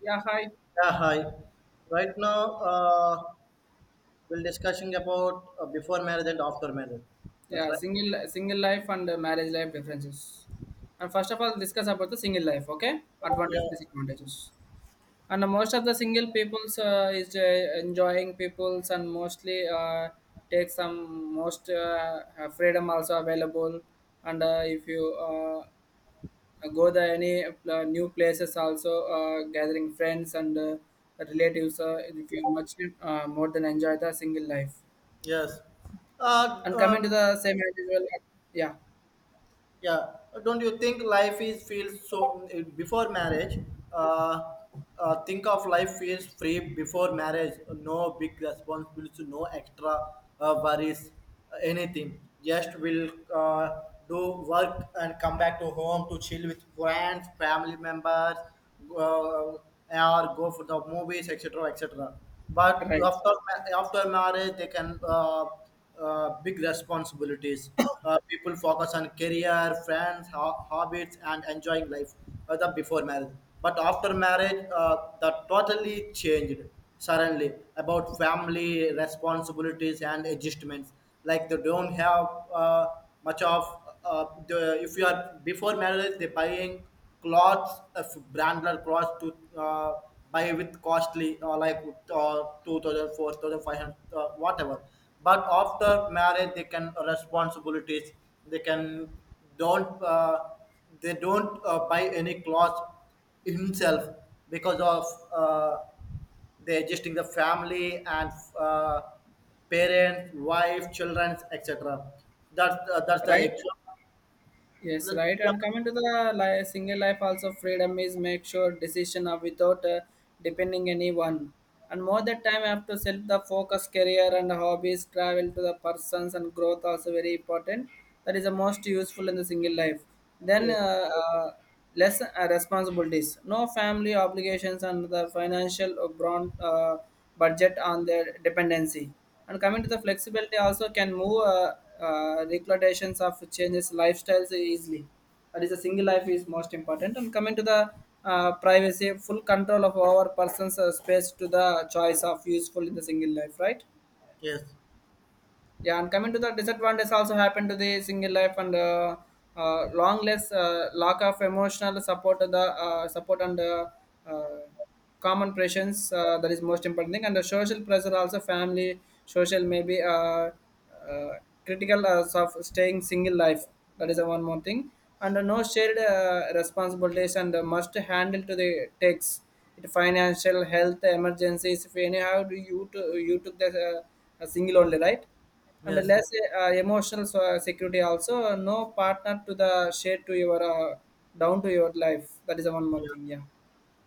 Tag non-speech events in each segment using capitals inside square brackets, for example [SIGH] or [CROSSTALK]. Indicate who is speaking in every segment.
Speaker 1: Yeah, hi.
Speaker 2: Yeah, hi. Right now, we're discussing about before marriage and after marriage. That's
Speaker 1: Yeah,
Speaker 2: right.
Speaker 1: single life and marriage life differences. And first of all, discuss about the single life. Okay, advantages,
Speaker 2: Yeah.
Speaker 1: disadvantages. And most of the single peoples is enjoying peoples and mostly take some most freedom also available. And if you go there any new places also gathering friends and relatives, if you much more than enjoy the single life
Speaker 2: Yes. Uh,
Speaker 1: and coming to
Speaker 2: um,
Speaker 1: the same individual. Yeah.
Speaker 2: Yeah, don't you think life is feels so before marriage? Uh, think of life feels free before marriage. No big responsibilities, no extra worries, anything. Just will do work and come back to home to chill with friends, family members, or go for the movies, etc., etc. But
Speaker 1: Right,
Speaker 2: after marriage, they can. Big responsibilities. People focus on career, friends, hobbies, and enjoying life the before marriage. But after marriage, that totally changed suddenly about family responsibilities and adjustments. Like they don't have uh, much of the, if you are before marriage, they're buying clothes, branded clothes to. Buy with costly like 2000, 4000, 500, whatever. But after marriage they can responsibilities, they can don't they don't buy any clothes himself, because of uh, they adjusting the family and uh, parents wife children etc. That's the
Speaker 1: right.
Speaker 2: example.
Speaker 1: Yes, right. And coming to the single life also freedom is make sure decision are without depending anyone. And more that time I have to self the focus career and hobbies travel to the persons and growth also very important. That is the most useful in the single life. Then less responsibilities, no family obligations, and the financial broad, budget on their dependency. And coming to the flexibility, also can move reclutations of changes lifestyles easily. That is, a single life is most important. And coming to the privacy, full control of our person's space to the choice of useful in the single life, right?
Speaker 2: Yes,
Speaker 1: Yeah, and coming to the disadvantage also happened to the single life and long less lack of emotional support to the support and uh, common pressures that is most important thing. And the social pressure also family social maybe uh, critical as of staying single life. That is the one more thing. And no shared responsibilities and must handle to the takes it financial health emergencies if any how do you to, you took the single only, right? And
Speaker 2: yes,
Speaker 1: less emotional security also no partner to the share to your down to your life. That is the one more
Speaker 2: yes.
Speaker 1: thing. Yeah.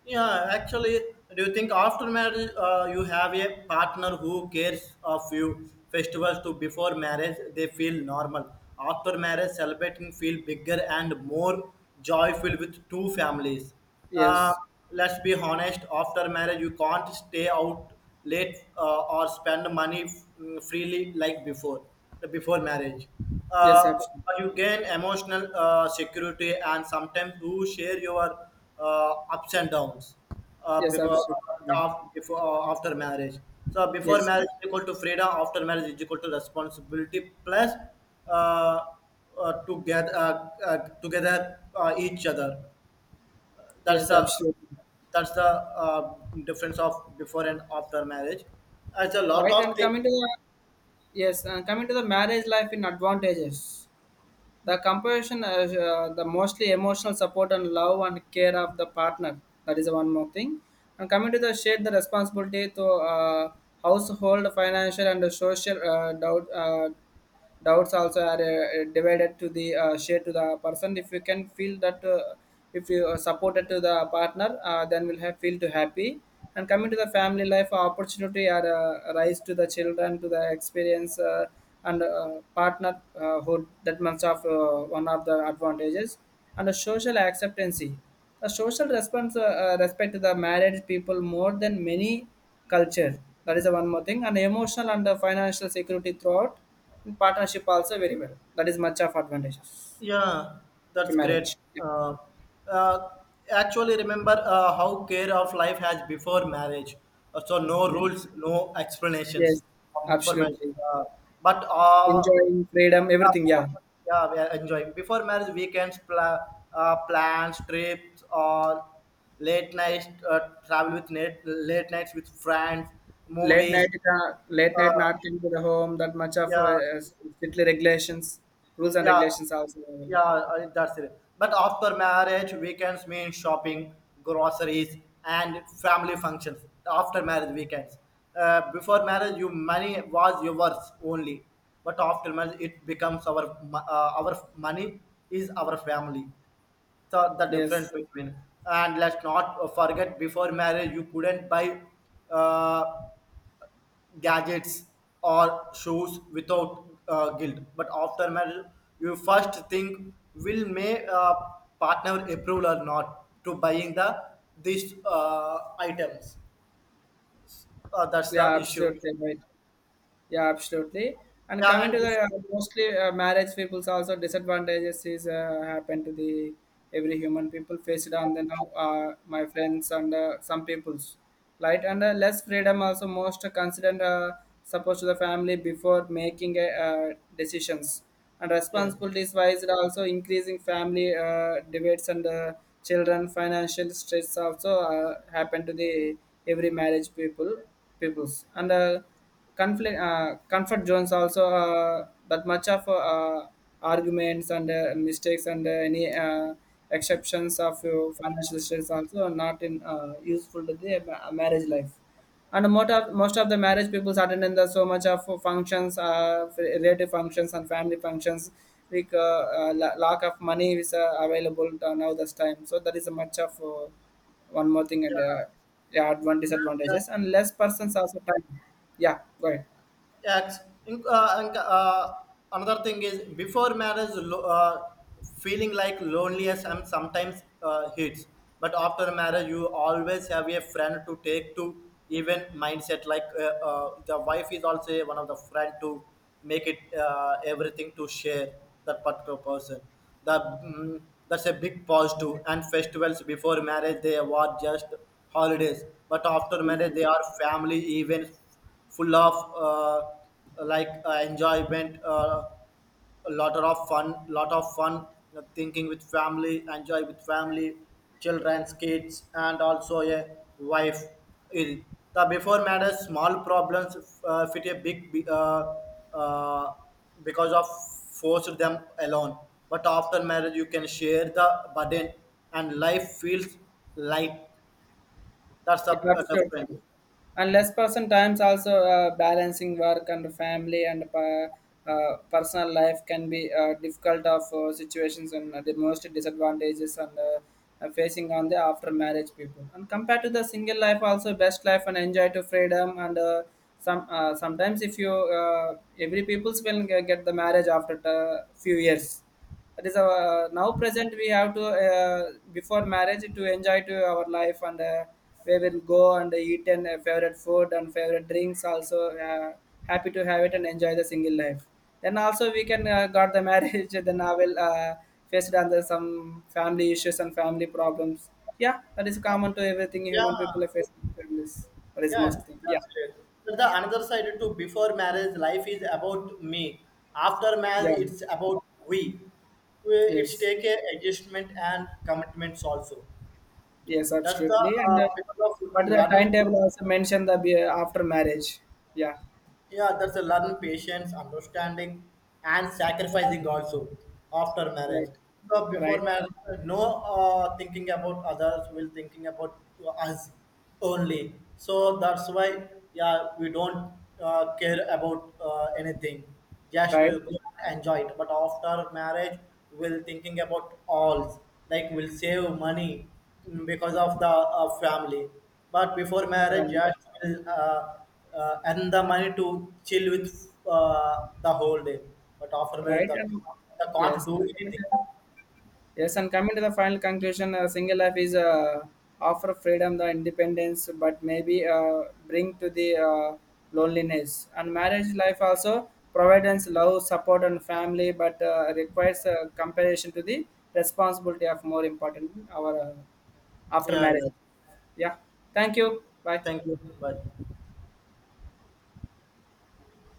Speaker 2: Yeah, actually, do you think after marriage you have a partner who cares of you? Festivals to before marriage they feel normal. After marriage, celebrating feel bigger and more joyful with two families. Uh,
Speaker 1: Yes.
Speaker 2: let's be honest. After marriage, you can't stay out late or spend money freely like before marriage.
Speaker 1: Yes,
Speaker 2: Uh,
Speaker 1: absolutely.
Speaker 2: you gain emotional security and sometimes who share your ups and downs
Speaker 1: Yes,
Speaker 2: because
Speaker 1: absolutely, right.
Speaker 2: before after marriage. So before
Speaker 1: Yes.
Speaker 2: marriage is equal to freedom, after marriage is equal to responsibility plus uh, to get together each other. That's
Speaker 1: Yes,
Speaker 2: the
Speaker 1: absolutely,
Speaker 2: that's the difference of before and after marriage. It's a lot
Speaker 1: right.
Speaker 2: of
Speaker 1: And
Speaker 2: things.
Speaker 1: coming to the, yes, and coming to the marriage life in advantages. The composition is the mostly emotional support and love and care of the partner. That is one more thing. And coming to the shade, the responsibility to household, financial, and the social doubt, doubts also are divided to the share to the person. If you can feel that, if you are supported to the partner, then will have feel to happy. And coming to the family life, opportunity are rise to the children to the experience. And partnerhood that much of one of the advantages. And the social acceptancy, the social response, respect to the married people more than many culture. That is the one more thing. And emotional and the financial security throughout and partnership also very well. That is much of advantages
Speaker 2: Yeah,
Speaker 1: in
Speaker 2: that's great.
Speaker 1: marriage. Yeah.
Speaker 2: Uh, uh, actually, remember how care of life has before marriage. So no
Speaker 1: Okay.
Speaker 2: rules, no
Speaker 1: Yes,
Speaker 2: explanations of before marriage.
Speaker 1: absolutely.
Speaker 2: Uh, but
Speaker 1: Enjoying freedom
Speaker 2: yeah,
Speaker 1: everything,
Speaker 2: before,
Speaker 1: yeah.
Speaker 2: yeah, we are enjoying before marriage weekends, plans, trips, or late night travel with net, late nights with friends,
Speaker 1: late
Speaker 2: movies.
Speaker 1: night uh, late night
Speaker 2: Uh,
Speaker 1: not into the home that much of
Speaker 2: yeah,
Speaker 1: strictly regulations, rules and
Speaker 2: yeah,
Speaker 1: regulations also.
Speaker 2: yeah, that's it. But after marriage, weekends mean shopping, groceries, and family functions. After marriage, weekends. Before marriage, you money was yours only, but after marriage, it becomes our money is our family. So the difference
Speaker 1: Yes.
Speaker 2: between. And let's not forget before marriage you couldn't buy uh, gadgets or shoes without guilt. But after marriage, you first think will may partner approve or not to buying the these items. That's
Speaker 1: Yeah,
Speaker 2: the issue.
Speaker 1: absolutely right. Yeah, absolutely. And
Speaker 2: Yeah,
Speaker 1: coming
Speaker 2: and
Speaker 1: to the
Speaker 2: yes,
Speaker 1: mostly marriage people's also disadvantages is happen to the every human people faced on the now my friends and some peoples, right. And less freedom also most considered supposed to the family before making decisions. And
Speaker 2: yes.
Speaker 1: responsibilities wise it also increasing family debates and children financial stress also happen to the every marriage peoples and. Conflict comfort zones also that much of arguments and mistakes and any exceptions of your financial stress also are not in useful to the marriage life. And most of the marriage people attend in the so much of functions, relative functions and family functions like lack of money is available to now this time, so that is a much of one more thing, and yeah, disadvantages and less persons also time. Yeah, go ahead.
Speaker 2: Yes. Inc- uh, inc- uh, another thing is before marriage, feeling like loneliness and sometimes hits. But after marriage, you always have a friend to take to even mindset. Like the wife is also one of the friend to make it everything to share that particular person. The mm, that's a big positive. And festivals before marriage they were just holidays, but after marriage they are family events full of like enjoyment, a lot of fun, lot of fun, thinking with family, enjoy with family, children, kids, and also a wife. Il- the before matters small problems fit a big uh, because of forced them alone, but after marriage you can share the burden and life feels light. That's a,
Speaker 1: Yeah,
Speaker 2: a difference.
Speaker 1: absolutely. And less person times also balancing work and family and personal life can be difficult of situations and the most disadvantages. And facing on the after marriage people and compared to the single life also best life and enjoy to freedom, and some sometimes if you every people's will get the marriage after a few years. It is our now present, we have to before marriage to enjoy to our life, and we will go and eat and favorite food and favorite drinks also happy to have it and enjoy the single life. Then also we can got the marriage [LAUGHS] then I will faced under some family issues and family problems. Yeah, that is common to everything, human people
Speaker 2: Yeah.
Speaker 1: are facing families. That is
Speaker 2: Yeah,
Speaker 1: most thing. Yeah.
Speaker 2: that's great. But the another side too, before marriage, life is about me. After
Speaker 1: Yeah.
Speaker 2: marriage, it's about we. We- It's
Speaker 1: Yes.
Speaker 2: take a adjustment and commitments also.
Speaker 1: Yes,
Speaker 2: That's the
Speaker 1: absolutely. And
Speaker 2: because of
Speaker 1: but the
Speaker 2: learn.
Speaker 1: timetable also mentioned the after marriage. Yeah,
Speaker 2: Yeah, that's a learn patience, understanding, and sacrificing also after
Speaker 1: right,
Speaker 2: marriage. So before
Speaker 1: right,
Speaker 2: marriage, no thinking about others. We'll thinking about us only. So that's why, yeah, we don't care about anything. Just
Speaker 1: right,
Speaker 2: we'll go and enjoy it. But after marriage, we'll thinking about all. Like we'll save money, because of the family. But before marriage,
Speaker 1: right,
Speaker 2: just will earn the money to chill with the whole day. But after marriage,
Speaker 1: right.
Speaker 2: the,
Speaker 1: And
Speaker 2: can't
Speaker 1: yes,
Speaker 2: do
Speaker 1: and coming
Speaker 2: anything.
Speaker 1: yes. And coming to the final conclusion, single life is offer freedom, the independence, but maybe bring to the loneliness. And marriage life also provides love, support, and family, but requires comparison to the responsibility of more important our. After
Speaker 2: Yeah,
Speaker 1: marriage.
Speaker 2: yeah.
Speaker 1: Yeah, thank you, bye.
Speaker 2: Thank you. Bye.